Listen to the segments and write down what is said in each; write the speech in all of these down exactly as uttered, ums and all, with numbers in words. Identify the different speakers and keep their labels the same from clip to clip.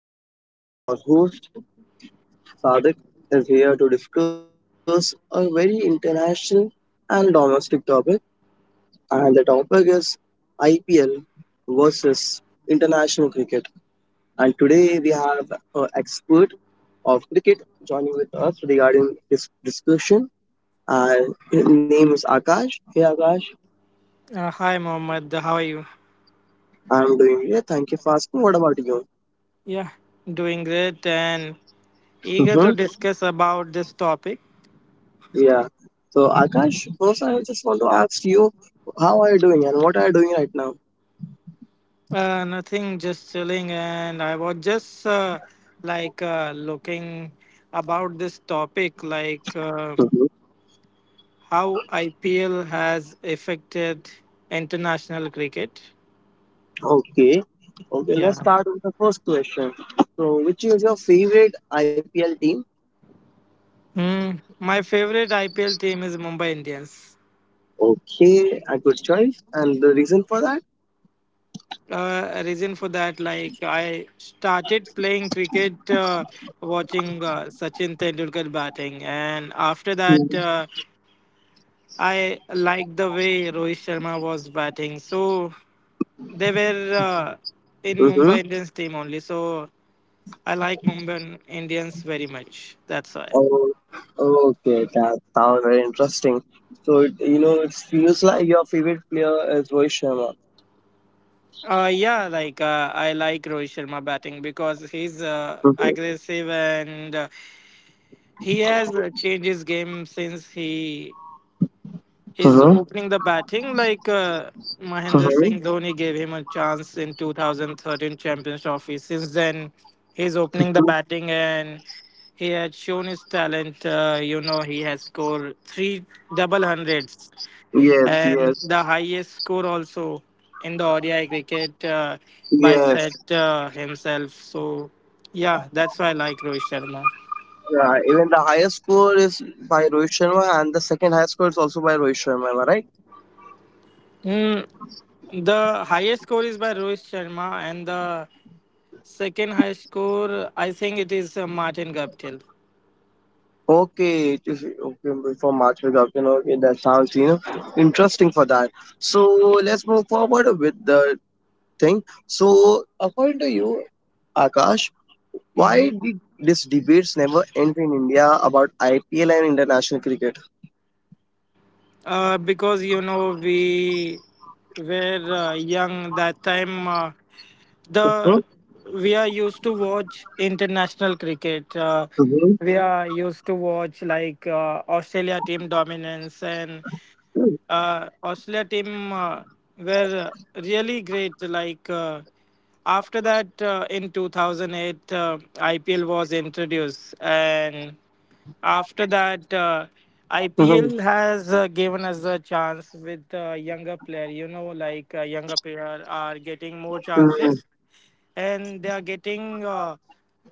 Speaker 1: Today, your host Sadik is here to discuss a very international and domestic topic, and the topic is I P L versus international cricket. And today, we have an expert of cricket joining with us regarding this discussion. And his name is Akash. Hey Akash,
Speaker 2: Uh, hi, Mohammed. How are you?
Speaker 1: I'm doing great. Thank you for asking. What about you?
Speaker 2: Yeah, doing great and eager to discuss about this topic.
Speaker 1: Yeah. So Akash, first I just want to ask you, how are you doing and what are you doing right now?
Speaker 2: Uh, nothing, just chilling, and I was just uh, like uh, looking about this topic, like uh,
Speaker 1: Mhm.
Speaker 2: how I P L has affected international cricket.
Speaker 1: Okay. Okay, let's
Speaker 2: Yeah.
Speaker 1: start with the first question. So, which is your favorite I P L team?
Speaker 2: Hmm. My favorite I P L team is Mumbai Indians.
Speaker 1: Okay, a good choice. And the reason for that?
Speaker 2: Uh, reason for that, like, I started playing cricket, uh, watching uh, Sachin Tendulkar batting, and after that uh, I liked the way Rohit Sharma was batting, so they were uh, in
Speaker 1: Mm-hmm.
Speaker 2: Mumbai Indians team only, so I like Mumbai Indians very much, that's why.
Speaker 1: Oh, okay, that sounds very interesting. So, it, you know, it feels like your favorite player is Rohit Sharma.
Speaker 2: Uh, yeah, like uh, I like Rohit Sharma batting because he's uh,
Speaker 1: Mm-hmm.
Speaker 2: aggressive, and uh, he has uh, changed his game since he is
Speaker 1: Mm-hmm.
Speaker 2: opening the batting, like uh, Mahendra
Speaker 1: Mm-hmm.
Speaker 2: Singh Dhoni gave him a chance in twenty thirteen Champions Trophy. Since then, he's opening the batting and he had shown his talent. Uh, you know, he has scored three double hundreds
Speaker 1: Yes,
Speaker 2: and
Speaker 1: yes,
Speaker 2: the highest score also in the O D I cricket uh, by
Speaker 1: yes,
Speaker 2: Set uh, himself. So, yeah, that's why I like Rohit Sharma.
Speaker 1: yeah, even the highest score is by Rohit Sharma, and the second highest score is also by Rohit Sharma. Am I right?
Speaker 2: Mm, the highest score is by Rohit Sharma, and the Second high score, I think it is uh, Martin Guptill.
Speaker 1: Okay, it is okay for March Cup. You know, okay, that sounds you know interesting for that. So let's move forward with the thing. So according to you, Akash, why
Speaker 2: Hmm.
Speaker 1: did these debates never end in India about I P L and international cricket?
Speaker 2: Uh, because you know we were uh, young that time. Uh,
Speaker 1: Hmm?
Speaker 2: the We are used to watch international cricket. Uh,
Speaker 1: Mhm.
Speaker 2: we are used to watch like uh, Australia team dominance, and
Speaker 1: Mhm.
Speaker 2: uh, Australia team uh, were uh, really great. Like uh, after that, uh, in two thousand eight, uh, I P L was introduced, and after that, uh, I P L has uh, given us a chance with uh, younger player. You know, like uh, Younger player are getting more
Speaker 1: Mhm.
Speaker 2: chances and they are getting uh,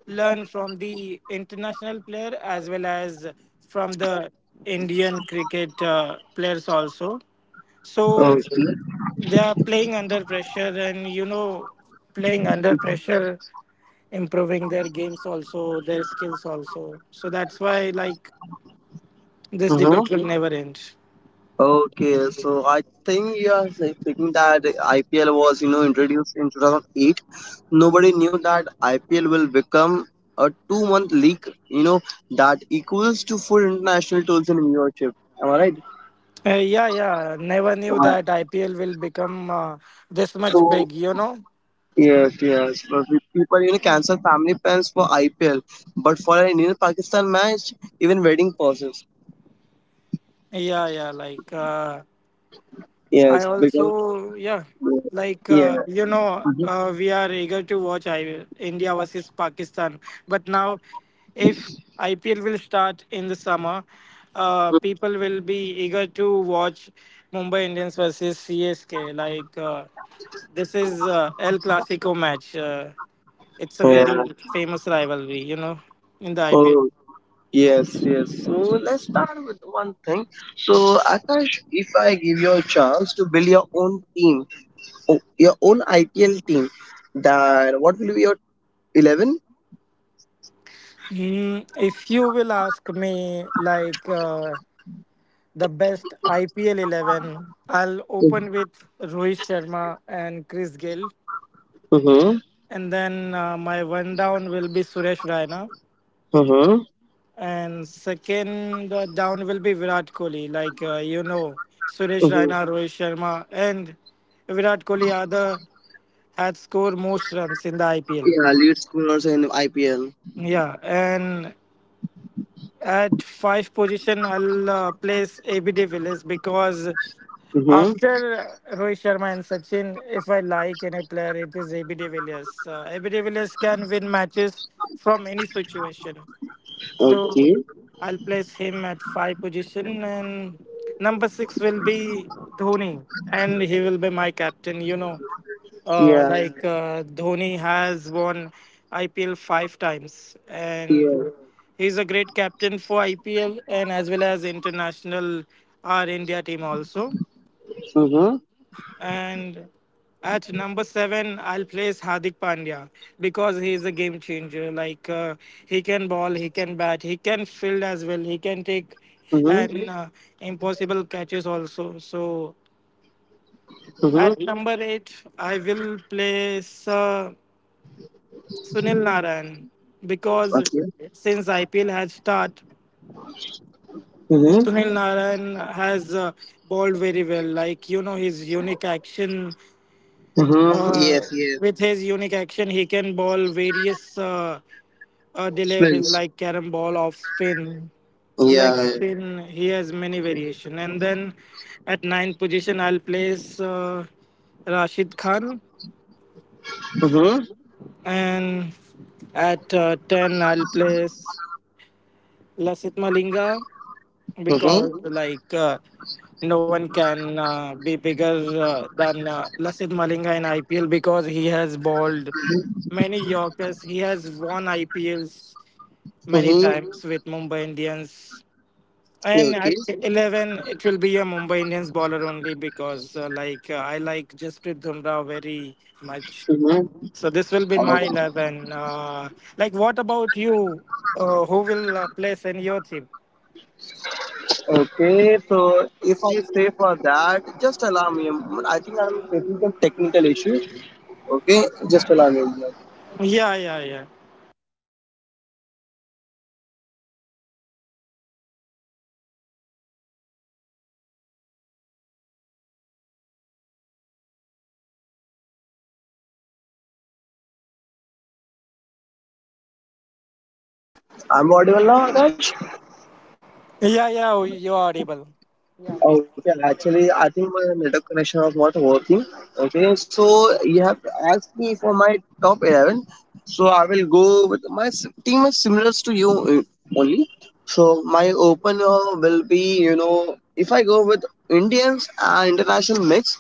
Speaker 2: learn from the international player as well as from the Indian cricket uh, players also. So they are playing under pressure, and you know, playing under pressure, improving their games also, their skills also. So that's why, like, this
Speaker 1: Mhm.
Speaker 2: debate will never end.
Speaker 1: Okay, so I think you are say- thinking that I P L was, you know, introduced in two thousand eight. Nobody knew that I P L will become a two-month league, you know, that equals to full international tours in viewership. Am I right?
Speaker 2: Uh, yeah, yeah. Never knew
Speaker 1: Uh,
Speaker 2: that I P L will become uh, this much
Speaker 1: so
Speaker 2: big. You know.
Speaker 1: yes, yes. But we- people, you know, cancel family plans for I P L, but for an Indian-Pakistan match, even wedding pauses.
Speaker 2: Yeah, yeah. Like. Uh, I
Speaker 1: Yes, because
Speaker 2: also, yeah, like
Speaker 1: yeah.
Speaker 2: uh, you know,
Speaker 1: Mhm.
Speaker 2: uh, we are eager to watch I P L, India versus Pakistan. But now, if I P L will start in the summer, uh, people will be eager to watch Mumbai Indians versus C S K. Like uh, this is uh, El Clasico match. Uh, it's a
Speaker 1: Yeah.
Speaker 2: very famous rivalry, you know, in the I P L.
Speaker 1: Oh. Yes, yes. So let's start with one thing. So Akash, if I give you a chance to build your own team, o- your own I P L team, then what will be your eleven?
Speaker 2: Mm, if you will ask me, like. Uh, the best I P L eleven. I'll open with Rohit Sharma and Chris Gill.
Speaker 1: Mm-hmm.
Speaker 2: And then uh, my one down will be Suresh Raina.
Speaker 1: Mm-hmm.
Speaker 2: And second uh, down will be Virat Kohli. Like, uh, you know, Suresh
Speaker 1: Mm-hmm.
Speaker 2: Raina, Rohit Sharma, and Virat Kohli are the had scored most runs in the I P L.
Speaker 1: Yeah, lead scorers in I P L.
Speaker 2: Yeah, and At five position, I'll uh, place A B D de Villiers because
Speaker 1: Mm-hmm.
Speaker 2: after Rohit Sharma and Sachin, if I like any player, it is A B D de Villiers. Uh, A B Villiers can win matches from any situation. So
Speaker 1: Okay.
Speaker 2: I'll place him at five position, and number six will be Dhoni, and he will be my captain. You know, uh,
Speaker 1: Yeah.
Speaker 2: like uh, Dhoni has won I P L five times, and
Speaker 1: Yeah.
Speaker 2: he's a great captain for I P L and as well as international our India team also.
Speaker 1: Mm-hmm.
Speaker 2: And at number seven, I'll place Hardik Pandya because he is a game changer. Like uh, he can ball, he can bat, he can field as well, he can take
Speaker 1: Mm-hmm.
Speaker 2: and uh, impossible catches also. So
Speaker 1: Mm-hmm.
Speaker 2: at number eight, I will place uh, Sunil Narayan because
Speaker 1: Okay.
Speaker 2: since I P L has started,
Speaker 1: Mm-hmm.
Speaker 2: Sunil Narayan has uh, bowled very well. Like you know his unique action
Speaker 1: Mm-hmm.
Speaker 2: Uh,
Speaker 1: Yes. Yes.
Speaker 2: with his unique action, he can ball various uh, uh, deliveries
Speaker 1: Spins.
Speaker 2: like carom ball, off spin, leg
Speaker 1: Yeah.
Speaker 2: spin. He has many variation. And then at ninth position, I'll place uh, Rashid Khan,
Speaker 1: Mm-hmm.
Speaker 2: and at uh, ten, I'll place Lasith Malinga,
Speaker 1: Mm-hmm.
Speaker 2: because like uh, no one can uh, be bigger uh, than uh, Lasith Malinga in I P L because he has bowled many Yorkers. He has won I P Ls many
Speaker 1: Mm-hmm.
Speaker 2: times with Mumbai Indians. And
Speaker 1: Okay.
Speaker 2: at eleven, it will be a Mumbai Indians bowler only because uh, like uh, I like Jasprit Bumrah very much.
Speaker 1: Mm-hmm.
Speaker 2: So this will be my eleven. Uh, like, what about you? Uh, who will uh, place in your team?
Speaker 1: Okay, so if I say for that, just allow me a moment. I think I'm facing some technical issue. Okay, just allow me a moment.
Speaker 2: Yeah, yeah, yeah.
Speaker 1: I'm audible now, Akash.
Speaker 2: Yeah, yeah, oh, you are able.
Speaker 1: Okay, actually, I think my network connection was not working. Okay, so you have asked me for my top eleven. So I will go with my s- team is similar to you uh, only. So my opener will be, you know, if I go with Indians and international mix,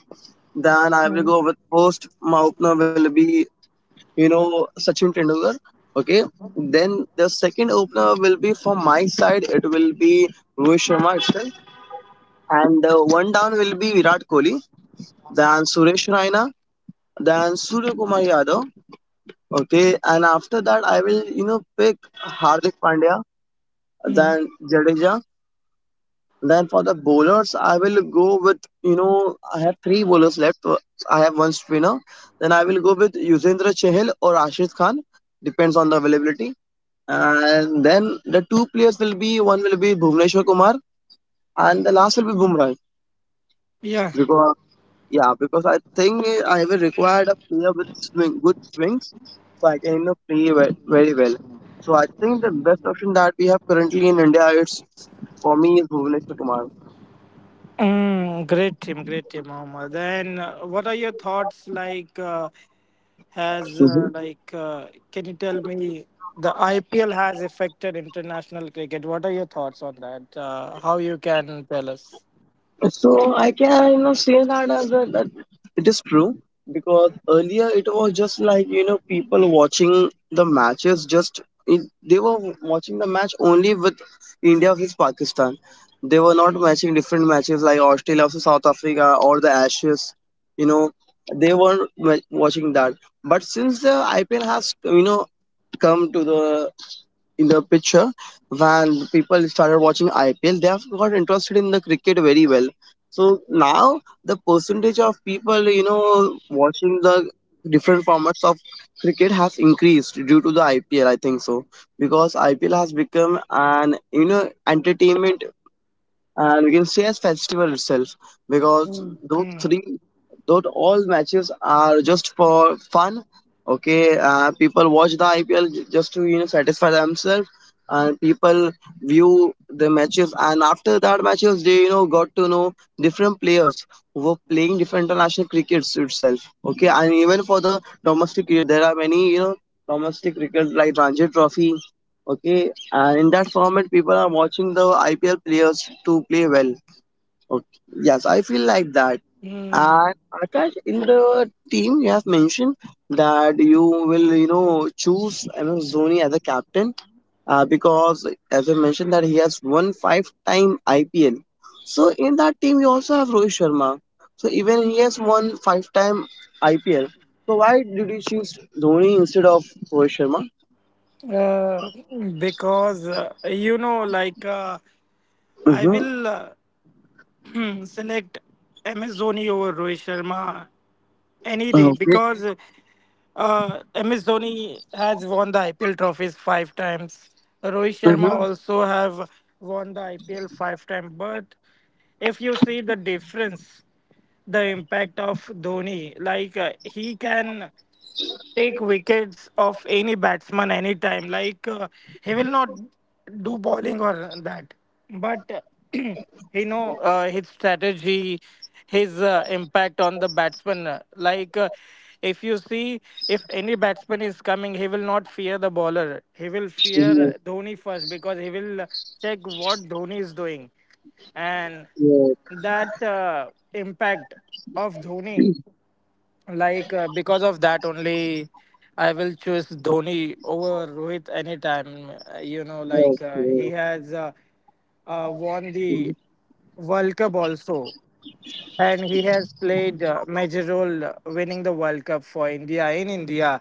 Speaker 1: then I will go with first. My opener will be you know Sachin Tendulkar. Okay, then the second opener will be from my side. It will be Rohit Sharma itself, and the one down will be Virat Kohli, then Suresh Raina, then Surya Kumar Yadav. Okay, and after that I will you know pick Hardik Pandya, then Jadeja. Then for the bowlers, I will go with you know I have three bowlers left. I have one spinner. Then I will go with Yuzvendra Chahal or Ashit Khan depends on the availability. And then the two players will be, one will be Bhuvneshwar Kumar and the last will be Bumrah.
Speaker 2: Yeah.
Speaker 1: Because yeah, because I think I will require a player with swing, good swings, so I can you know play ve- very well. So I think the best option that we have currently in India, it's for me is Bhuvneshwar Kumar.
Speaker 2: Mm, great team, great team, Mohammed. And uh, what are your thoughts, like? Uh, has uh, like uh, Can you tell me the I P L has affected international cricket? What are your thoughts on that? Uh, how you can tell us?
Speaker 1: So I can you know say that as a, that it is true because earlier it was just like you know people watching the matches just it, they were watching the match only with India versus Pakistan. They were not matching different matches like Australia versus South Africa or the Ashes. You know they were not watching that. But since the I P L has you know come to the in the picture when people started watching I P L, they have got interested in the cricket very well. So now the percentage of people, you know, watching the different formats of cricket has increased due to the I P L. I think so, because I P L has become an you know entertainment and we can say as festival itself because those
Speaker 2: Hmm.
Speaker 1: three those all matches are just for fun. okay uh, people watch the IPL just to you know satisfy themselves, and people view the matches, and after that matches they you know got to know different players who were playing different international crickets itself. Okay, and even for the domestic cricket there are many you know domestic cricket like Ranji Trophy. Okay, and in that format people are watching the IPL players to play well. Okay, yes I feel like that.
Speaker 2: Mm.
Speaker 1: And Akash, in the team you have mentioned that you will you know choose MS Dhoni as a captain, uh, because as I mentioned that he has won five time IPL, so in that team you also have Rohit Sharma, so even he has won five time IPL, so why did you choose Dhoni instead of Rohit Sharma?
Speaker 2: Uh, because uh, you know, like uh, I
Speaker 1: Mm-hmm.
Speaker 2: will uh, select M S Dhoni over Rohit Sharma any day
Speaker 1: Okay.
Speaker 2: because uh, M S Dhoni has won the I P L trophies five times. Rohit Sharma also have won the I P L five times. But if you see the difference, the impact of Dhoni, like uh, he can take wickets of any batsman anytime. Like uh, he will not do bowling or that, but he know uh, his strategy, his uh, impact on the batsman. Uh, Like uh, if you see, if any batsman is coming, he will not fear the bowler. He will
Speaker 1: Mm-hmm.
Speaker 2: fear Dhoni first because he will check what Dhoni is doing, and that uh, impact of Dhoni. Like uh, because of that only, I will choose Dhoni over Rohit anytime. Uh, You know, like uh, he
Speaker 1: Okay.
Speaker 2: has uh, uh, won the
Speaker 1: Mhm.
Speaker 2: World Cup also, and he has played uh, major role uh, winning the World Cup for India in India.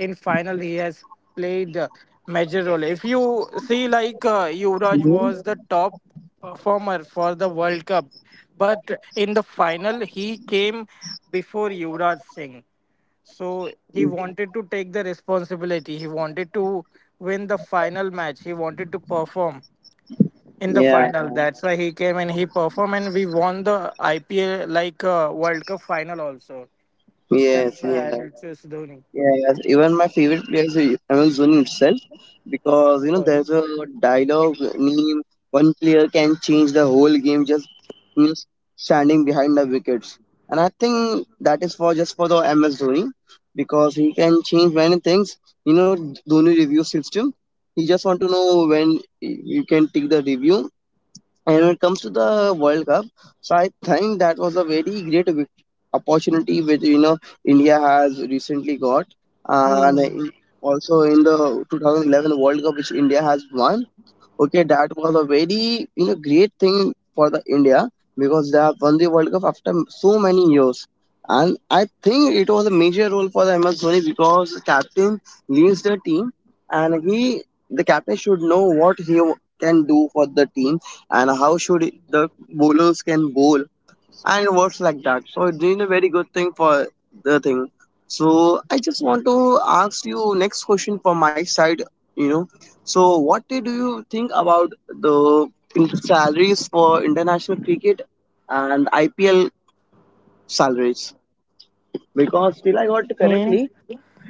Speaker 2: In final, he has played uh, major role. If you see, like uh, Yuvraj was the top performer for the World Cup, but in the final he came before Yuvraj Singh. So he wanted to take the responsibility. He wanted to win the final match. He wanted to perform in the
Speaker 1: Yeah,
Speaker 2: final. That's why he came and he performed, and we won the I P L, like uh, World Cup final also. That's
Speaker 1: yes, yeah,
Speaker 2: why I will choose Dhoni.
Speaker 1: yes. Even my favorite player is Amazon Dhoni himself because you know there's a dialogue name. One player can change the whole game just you know, standing behind the wickets, and I think that is for just for the M S Dhoni because he can change many things. You know, Dhoni review system. He just want to know when you can take the review. And when it comes to the World Cup, so I think that was a very great vic- opportunity which you know India has recently got, and in- also in the twenty eleven World Cup which India has won. Okay, that was a very you know great thing for the India because they have won the World Cup after so many years. And I think it was a major role for the M S Dhoni because the captain leads the team, and he the captain should know what he can do for the team and how should the bowlers can bowl and words like that. So you doing a very good thing for the thing. So I just want to ask you next question from my side. You know, so what do you think about the in- salaries for international cricket and I P L salaries? Because till I got
Speaker 2: Hmm.
Speaker 1: correctly,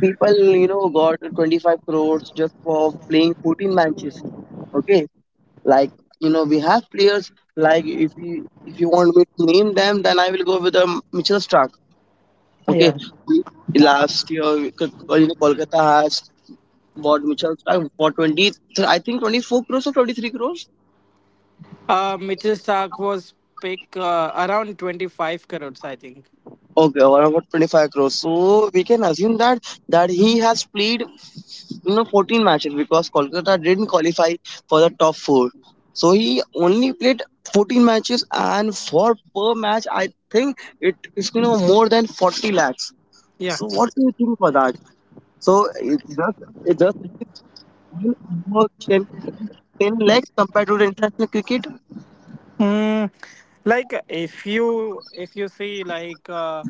Speaker 1: people you know got twenty five crores just for playing fourteen matches. Okay, like you know we have players, like if you if you want me to name them, then I will go with the Mitchell Stark. Okay,
Speaker 2: Yeah.
Speaker 1: last year K- uh, you know, Kolkata has bought Mitchell Stark for twenty, I think twenty four crores or twenty three crores.
Speaker 2: Uh, Mitchell Stark was pick uh, around twenty-five crores, I think.
Speaker 1: Okay, or about twenty five crores. So we can assume that that he has played you know fourteen matches because Kolkata didn't qualify for the top four. So he only played fourteen matches, and for per match, I think it is you know more than forty lakhs.
Speaker 2: Yeah.
Speaker 1: So what do you think for that? So it just it just more ten ten 10 lakhs compared to the international cricket.
Speaker 2: Mm, like, if you if you see, like uh,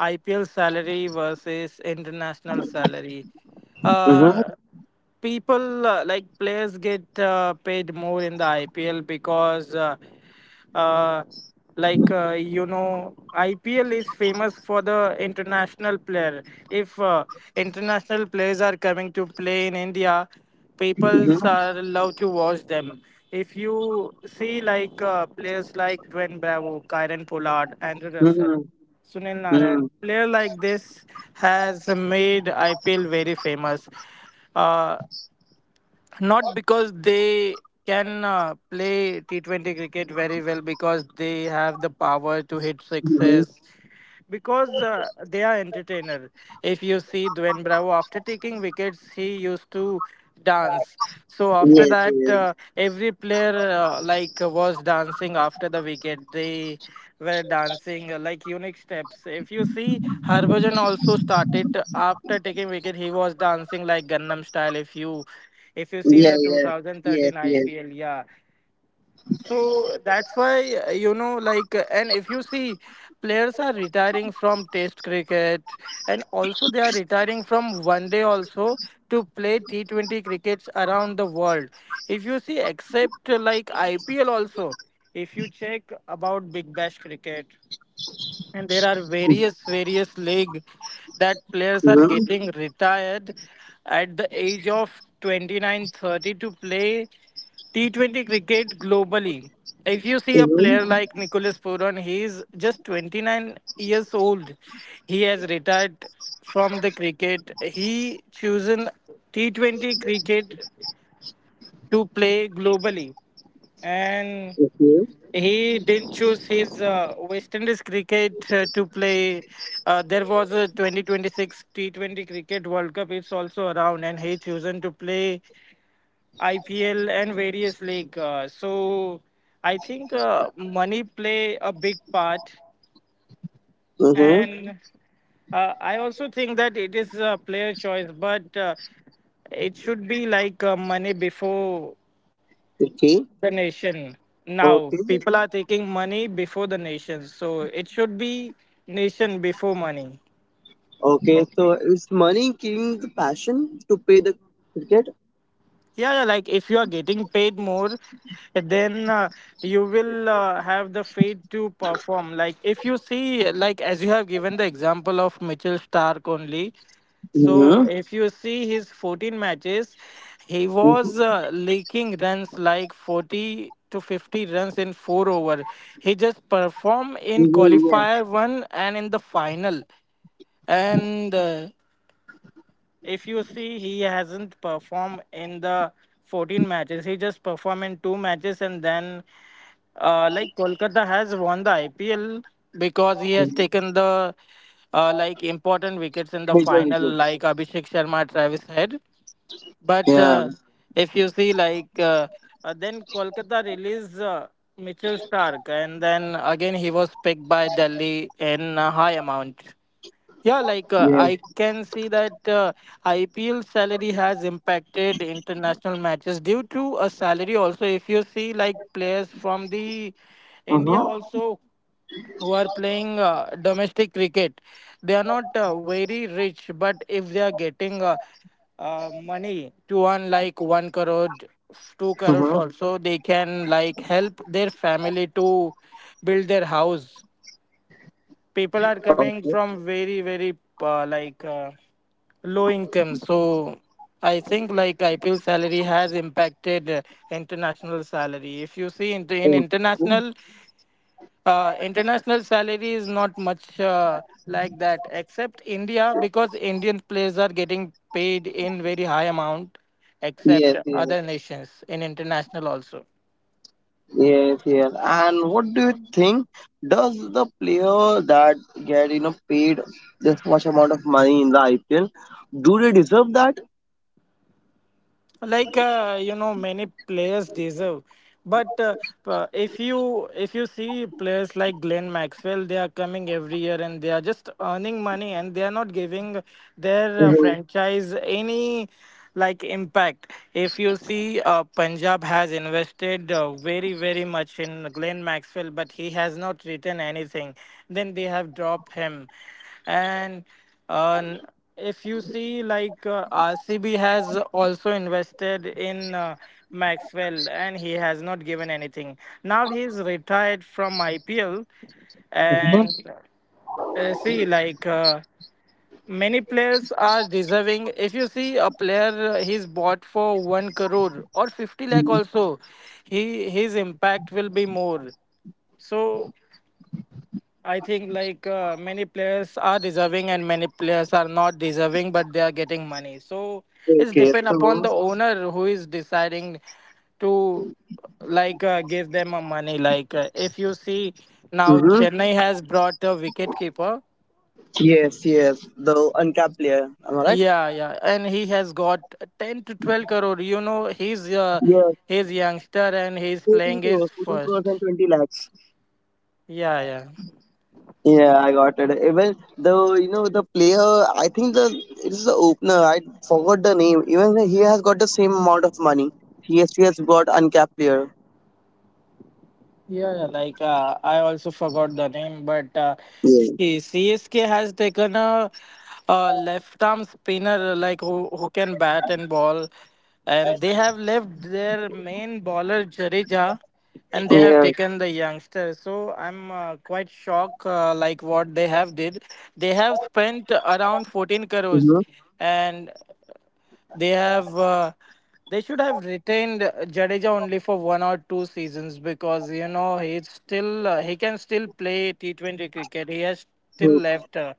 Speaker 2: I P L salary versus international salary,
Speaker 1: Mm-hmm.
Speaker 2: uh, people, uh, like players get uh, paid more in the I P L because uh, uh, like uh, you know ipl is famous for the international player, if uh, international players are coming to play in india,
Speaker 1: Mm-hmm.
Speaker 2: peoples are love to watch them. If you see, like uh, players like Dwayne Bravo, Kyron Pollard, Andrew Russell,
Speaker 1: Mm-hmm.
Speaker 2: Sunil Narayan,
Speaker 1: Mm-hmm.
Speaker 2: player like this has made I P L very famous. Uh, Not because they can uh, play T twenty cricket very well, because they have the power to hit
Speaker 1: Mm-hmm.
Speaker 2: sixes, because uh, they are entertainer. If you see Dwayne Bravo after taking wickets, he used to dance. So after
Speaker 1: Yes,
Speaker 2: that,
Speaker 1: yes.
Speaker 2: uh, every player uh, like uh, was dancing after the wicket. They were dancing uh, like unique steps. If you see, Harbhajan also started uh, after taking wicket. He was dancing like Gangnam style. If you if you see in
Speaker 1: Yeah,
Speaker 2: the
Speaker 1: yeah. Yes,
Speaker 2: two thousand thirteen
Speaker 1: yes.
Speaker 2: I P L, yeah. So that's why, uh, you know, like, uh, and if you see, players are retiring from Test cricket, and also they are retiring from One Day also to play T Twenty crickets around the world. If you see, except uh, like I P L also, if you check about Big Bash cricket, and there are various various league that players are
Speaker 1: Mm-hmm.
Speaker 2: getting retired at the age of twenty nine, thirty, to play T twenty cricket globally. If you see a player
Speaker 1: Mm-hmm.
Speaker 2: like Nicholas Puron, he is just twenty-nine years old. He has retired from the cricket. He chosen T twenty cricket to play globally, and
Speaker 1: Okay.
Speaker 2: he did choose his uh, West Indies cricket uh, to play. Uh, there was a twenty twenty-six T twenty Cricket World Cup. It's also around, and he chosen to play I P L and various league. Uh, so I think uh, money play a big part,
Speaker 1: Mm-hmm.
Speaker 2: and uh, I also think that it is a player choice, but uh, it should be, like uh, money before
Speaker 1: Okay.
Speaker 2: the nation. Now
Speaker 1: Okay.
Speaker 2: people are taking money before the nation, so it should be nation before money.
Speaker 1: Okay. So is money killing the passion to pay the cricket?
Speaker 2: Yeah, yeah, like, if you are getting paid more, then uh, you will uh, have the faith to perform. Like, if you see, like, as you have given the example of Mitchell Stark only, so
Speaker 1: Mm-hmm.
Speaker 2: if you see his fourteen matches, he
Speaker 1: Mm-hmm.
Speaker 2: was uh, leaking runs like forty to fifty runs in four over. He just performed in
Speaker 1: Mm-hmm. Yeah.
Speaker 2: qualifier one and in the final, and uh, if you see, he hasn't performed in the fourteen matches. He just performed in two matches, and then uh, like Kolkata has won the I P L because he has
Speaker 1: Mhm.
Speaker 2: taken the uh, like important wickets in the
Speaker 1: Major
Speaker 2: final,
Speaker 1: wickets.
Speaker 2: like Abhishek Sharma, Travis Head. But
Speaker 1: Yeah.
Speaker 2: uh, if you see, like uh, uh, then Kolkata released uh, Mitchell Stark, and then again he was picked by Delhi in a high amount. Yeah, like uh,
Speaker 1: Yeah.
Speaker 2: I can see that uh, I P L salary has impacted international matches due to a salary. Also, if you see like players from the India
Speaker 1: Uh-huh.
Speaker 2: also who are playing uh, domestic cricket, they are not uh, very rich, but if they are getting uh, uh, money to earn like one crore, two
Speaker 1: Uh-huh.
Speaker 2: crores also, they can like help their family to build their house. People are
Speaker 1: Okay.
Speaker 2: coming from very very uh, like uh, low income. So I think like IPL salary has impacted uh, international salary. If you see in, in
Speaker 1: Okay.
Speaker 2: international, uh, international salary is not much uh, like that except India, because Indian players are getting paid in very high amount, except
Speaker 1: Yes, yes.
Speaker 2: other nations in international also.
Speaker 1: Yes, yes. And what do you think? Does the player that get you know paid this much amount of money in the I P L, do they deserve that?
Speaker 2: Like uh, you know, many players deserve, but uh, uh, if you if you see players like Glenn Maxwell, they are coming every year and they are just earning money and they are not giving their uh,
Speaker 1: Mm-hmm.
Speaker 2: franchise any like impact. If you see, uh, Punjab has invested uh, very very much in Glenn Maxwell, but he has not written anything, then they have dropped him. And uh, if you see like, uh, R C B has also invested in uh, Maxwell and he has not given anything. Now he's retired from I P L. And uh, see like uh, many players are deserving. If you see a player, uh, he's bought for one crore or fifty lakh also, he his impact will be more. So I think like, uh, many players are deserving and many players are not deserving, but they are getting money. So it's
Speaker 1: Okay,
Speaker 2: depend upon
Speaker 1: so
Speaker 2: the owner who is deciding to like uh, give them a money. Like uh, if you see now,
Speaker 1: hmm
Speaker 2: Chennai has brought a wicket keeper.
Speaker 1: yes, yes, the uncapped player. Am I right?
Speaker 2: Yeah, yeah, and he has got ten to twelve crore. You know, he's uh,
Speaker 1: Yes,
Speaker 2: he's youngster and he's
Speaker 1: fourteen
Speaker 2: playing his
Speaker 1: crores, fourteen crores
Speaker 2: first.
Speaker 1: and twenty lakhs.
Speaker 2: Yeah, yeah.
Speaker 1: Yeah, I got it. Even though you know the player, I think the it's the opener. I forgot the name. Even he has got the same amount of money. He has, he has got uncapped player.
Speaker 2: Yeah, yeah, like uh, I also forgot the name, but uh, C- CSK has taken a, a left arm spinner like who, who can bat and ball, and they have left their main bowler Jadeja, and they have
Speaker 1: Yeah.
Speaker 2: taken the youngster. So I'm uh, quite shocked uh, like what they have did. They have spent around fourteen crores,
Speaker 1: Mhm,
Speaker 2: and they have uh, they should have retained Jadeja only for one or two seasons, because you know he's still uh, he can still play T twenty cricket. He has still
Speaker 1: mhm.
Speaker 2: left uh,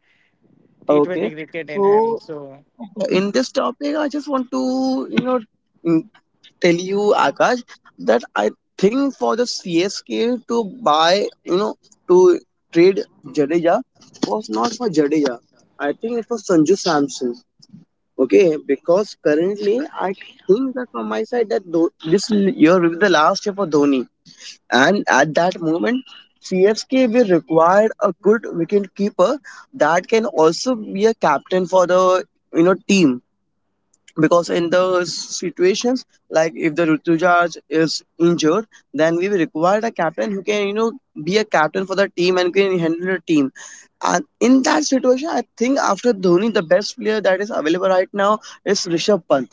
Speaker 1: Okay.
Speaker 2: T twenty cricket in him.
Speaker 1: So
Speaker 2: So
Speaker 1: in this topic, I just want to you know mm, tell you Akash that I think for the C S K to buy you know to trade Jadeja was not for Jadeja. I think it was Sanju Samson. Okay, because currently I think that from my side that tho- this l- year will be the last year for Dhoni. And at that moment, C F K will require a good wicket keeper that can also be a captain for the you know team. Because in the situations like if the Rutuja is injured, then we will require a captain who can you know be a captain for the team and can handle the team. And in that situation, I think after Dhoni, the best player that is available right now is Rishabh Pant,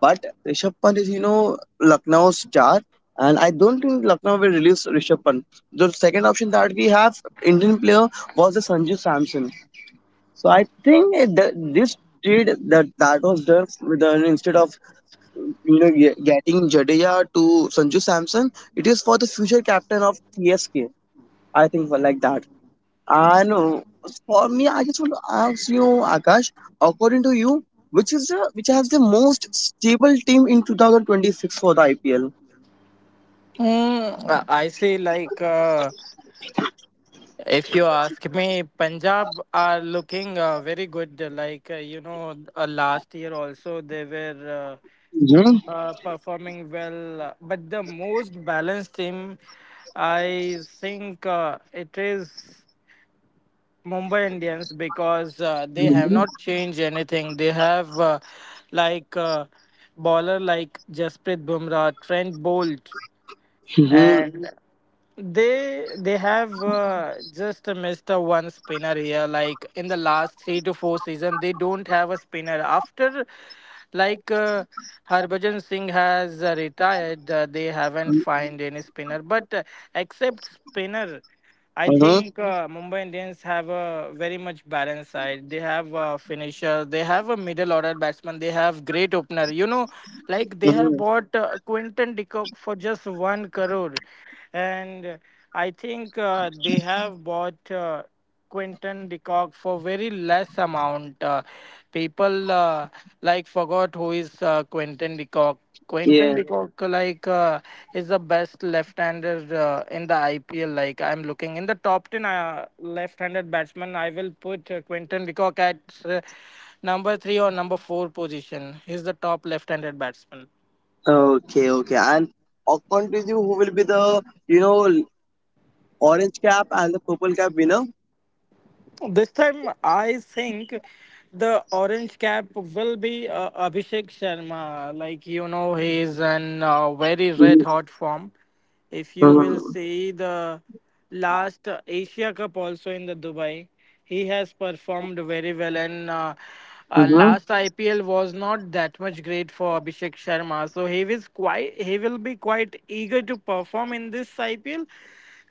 Speaker 1: but Rishabh Pant is, you know, Lucknow's star, and I don't think Lucknow will release Rishabh Pant. The second option that we have, Indian player, was the Sanju Samson. So I think it- the, this trade that that was done with the, instead of you know ge- getting Jadeja to Sanju Samson, it is for the future captain of C S K. I think for like that. I know. For me, I just want to ask you, Akash, according to you, which is the which has the most stable team in two thousand twenty-six for the I P L?
Speaker 2: mm, I I see like, uh, if you ask me, Punjab are looking uh, very good. Like uh, you know, uh, last year also they were, uh,
Speaker 1: Mhm,
Speaker 2: uh, performing well. Uh, But the most balanced team, I think uh, it is Mumbai Indians, because uh, they have
Speaker 1: mhm,
Speaker 2: not changed anything. They have uh, like uh, baller like Jasprit Bumrah, Trent Bolt,
Speaker 1: hmm
Speaker 2: and they they have uh, just missed a one spinner here. Like in the last three to four season, they don't have a spinner. After, like uh, Harbhajan Singh has uh, retired, uh, they haven't find any spinner. But uh, except spinner, I
Speaker 1: mhm,
Speaker 2: think uh, Mumbai Indians have a very much balanced side. They have a finisher, they have a middle order batsman, they have great opener. You know, like they have
Speaker 1: mhm.
Speaker 2: bought uh, Quinton de Kock for just one crore. And I think uh, they have bought uh, Quinton de Kock for very less amount. Uh, people uh, like Forgot who is uh, Quinton de Kock. Quinton
Speaker 1: Yeah.
Speaker 2: de Kock like uh, is the best left-hander uh, in the I P L. Like I'm looking in the top ten uh, left-handed batsman, I will put uh, Quinton de Kock at uh, number three or number four position. He's the top left-handed batsman.
Speaker 1: Okay. Okay. And according to you, who will be the you know orange cap and the purple cap winner?
Speaker 2: This time, I think the orange cap will be uh, Abhishek Sharma. Like, you know, he is in uh, very red
Speaker 1: Mm-hmm.
Speaker 2: hot form. If you will see the last uh, Asia Cup also in the Dubai, he has performed very well. And uh, uh,
Speaker 1: Mm-hmm.
Speaker 2: last I P L was not that much great for Abhishek Sharma. So he was quite, he will be quite eager to perform in this I P L.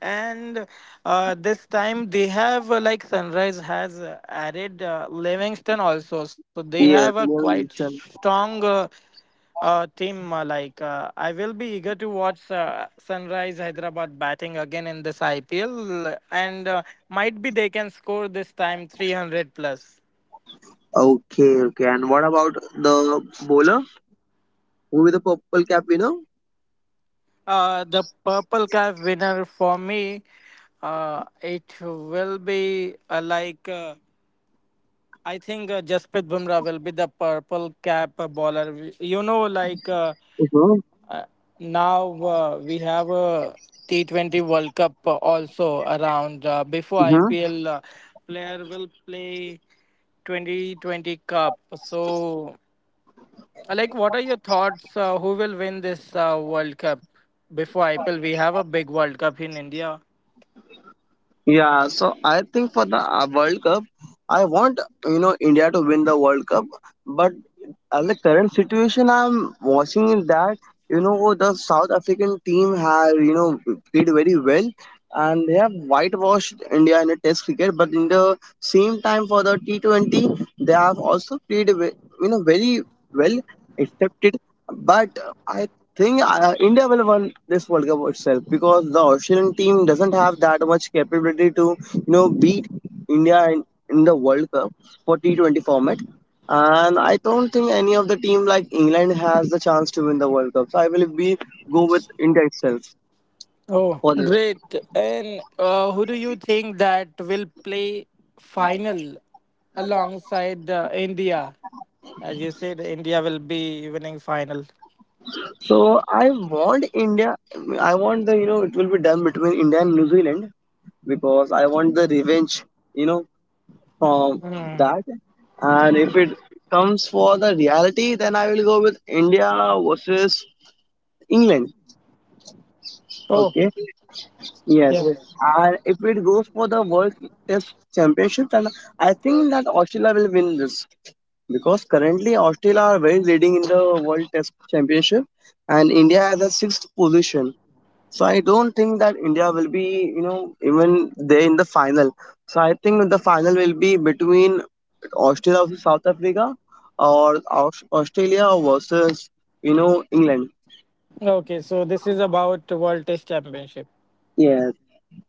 Speaker 2: And uh, this time they have uh, like sunrise has uh, added uh, Livingston also, so they have a
Speaker 1: Yes. Liam
Speaker 2: quite
Speaker 1: Neeson.
Speaker 2: strong uh, uh, team. uh, like uh, I will be eager to watch uh, Sunrise Hyderabad batting again in this IPL, and uh, might be they can score this time three hundred plus.
Speaker 1: Okay. Okay. And what about the bowler? Who will be the purple cap winner?
Speaker 2: Uh, the purple cap winner for me, uh, it will be uh, like uh, I think uh, Jasprit Bumrah will be the purple cap uh, bowler. We- You know, like uh,
Speaker 1: Mhm,
Speaker 2: uh, now uh, we have a T twenty World Cup uh, also around. Uh, before
Speaker 1: mhm.
Speaker 2: I P L, uh, player will play twenty twenty Cup. So, uh, like, what are your thoughts? Uh, who will win this uh, World Cup? Before I P L, we have a big World Cup in India.
Speaker 1: Yeah, so I think for the uh, World Cup, I want you know India to win the World Cup, but uh, the current situation I'm watching is that you know oh, the South African team have you know played very well, and they have whitewashed India in the Test cricket, but in the same time for the T twenty they have also played ve- you know very well accepted. But I think uh, India will win this World Cup itself because the Australian team doesn't have that much capability to you know beat India in, in the World Cup for T twenty format, and I don't think any of the team like England has the chance to win the World Cup. So I will be go with India itself
Speaker 2: Oh,
Speaker 1: for this.
Speaker 2: great. And uh, who do you think that will play final alongside uh, India? As you said, India will be winning final.
Speaker 1: So I want India. I want the you know it will be done between India and New Zealand because I want the revenge. You know from
Speaker 2: Hmm.
Speaker 1: that. And if it comes for the reality, then I will go with India versus England.
Speaker 2: Oh,
Speaker 1: Okay.
Speaker 2: yeah.
Speaker 1: Yes. And if it goes for the World Test Championship, then I think that Australia will win this, because currently Australia are very leading in the World Test Championship, and India has a sixth position. So I don't think that India will be, you know, even there in the final. So I think the final will be between Australia versus South Africa, or Aus- Australia versus, you know, England.
Speaker 2: Okay, so this is about World Test Championship.
Speaker 1: Yes,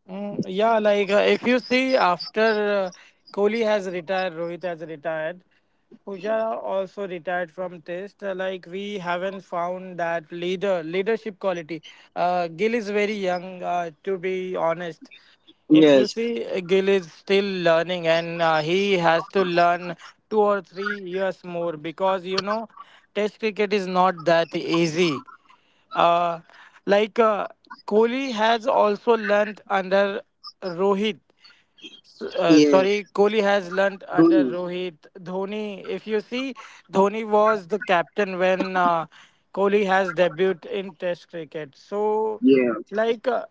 Speaker 2: Mm, yeah, like uh, if you see after uh, Kohli has retired, Rohit has retired, Pujara also retired from Test. Uh, like we haven't found that leader leadership quality. Uh, Gill is very young, uh, to be honest. If you
Speaker 1: yes,
Speaker 2: see, uh, Gill is still learning, and uh, he has to learn two or three years more, because you know, Test cricket is not that easy. uh, like uh, Kohli has also learnt under Rohit. S- Uh,
Speaker 1: yeah,
Speaker 2: sorry, Kohli has learnt under
Speaker 1: Dhoni,
Speaker 2: Rohit. Dhoni, if you see, Dhoni was the captain when uh, Kohli has debuted in Test cricket. So,
Speaker 1: yeah,
Speaker 2: like uh,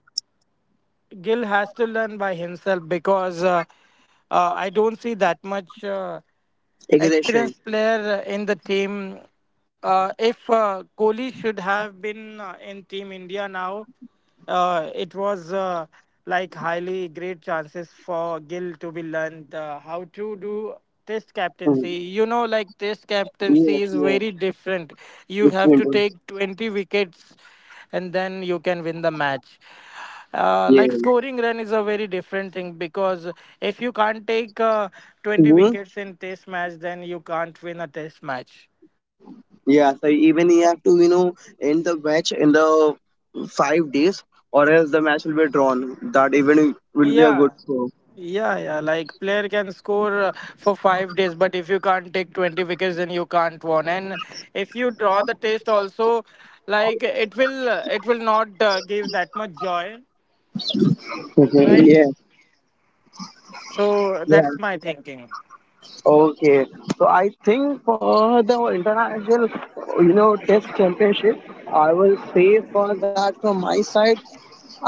Speaker 2: Gill has to learn by himself, because uh, uh, I don't see that much Uh,
Speaker 1: aggression.
Speaker 2: experienced player in the team. Uh, if uh, Kohli should have been uh, in Team India now, uh, it was uh, like highly great chances for Gill to be learned uh, how to do test captaincy.
Speaker 1: Mm.
Speaker 2: You know, like test
Speaker 1: Yes,
Speaker 2: captaincy is
Speaker 1: yes,
Speaker 2: very different. You
Speaker 1: it's
Speaker 2: have to
Speaker 1: Hindu.
Speaker 2: take twenty wickets and then you can win the match. Uh, like
Speaker 1: Yes.
Speaker 2: scoring run is a very different thing, because if you can't take uh, twenty wickets in test match then you can't win a test match.
Speaker 1: Yeah, so even you have to, you know, end the match in the five days, or else the match will be drawn. That even will be a good
Speaker 2: yeah
Speaker 1: show.
Speaker 2: yeah yeah Like player can score uh, for five days, but if you can't take twenty wickets then you can't win. And if you draw the test also, like it will uh, it will not uh, give that much joy,
Speaker 1: Okay.
Speaker 2: right?
Speaker 1: Yeah,
Speaker 2: So
Speaker 1: yeah.
Speaker 2: that's my thinking.
Speaker 1: Okay. So I think for the international, you know, test championship, I will say for that from my side,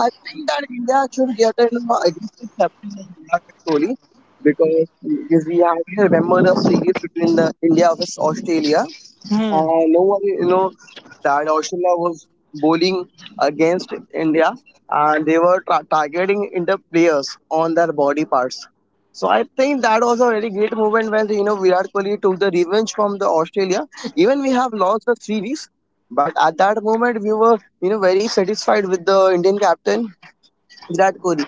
Speaker 1: I think that India should get an aggressive captain like Virat Kohli, because if we have to remember the series between the India versus Australia. Uh, no one, you know, that Australia was bowling against India and they were tra- targeting India players on their body parts. So I think that was a very great moment when you know Virat Kohli took the revenge from the Australia. Even we have lost the series, but at that moment we were you know very satisfied with the Indian captain Virat Kohli.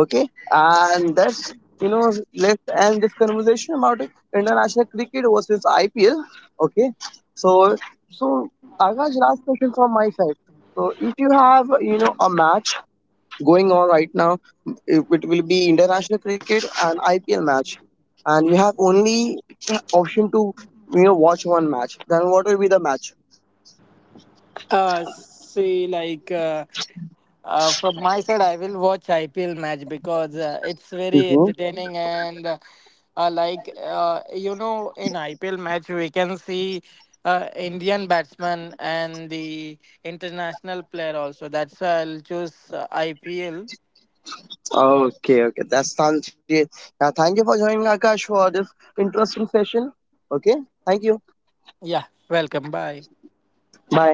Speaker 1: Okay, and that's you know let's end this conversation about it. International cricket versus I P L. Okay, so so Akash, last question from my side. So if you have you know a match going on right now, it, it will be international cricket and I P L match, and you have only option to you know watch one match. Then what will be the match?
Speaker 2: Uh, see, like uh, uh, From my side, I will watch I P L match, because uh, it's very entertaining. And uh, uh, like uh, you know, in I P L match we can see uh, Indian batsman and the international player also. That's why I'll choose uh, I P L.
Speaker 1: Okay, okay. That sounds great. Yeah, thank you for joining Akash for this interesting session. Okay, thank you.
Speaker 2: Yeah, welcome. Bye.
Speaker 1: Bye.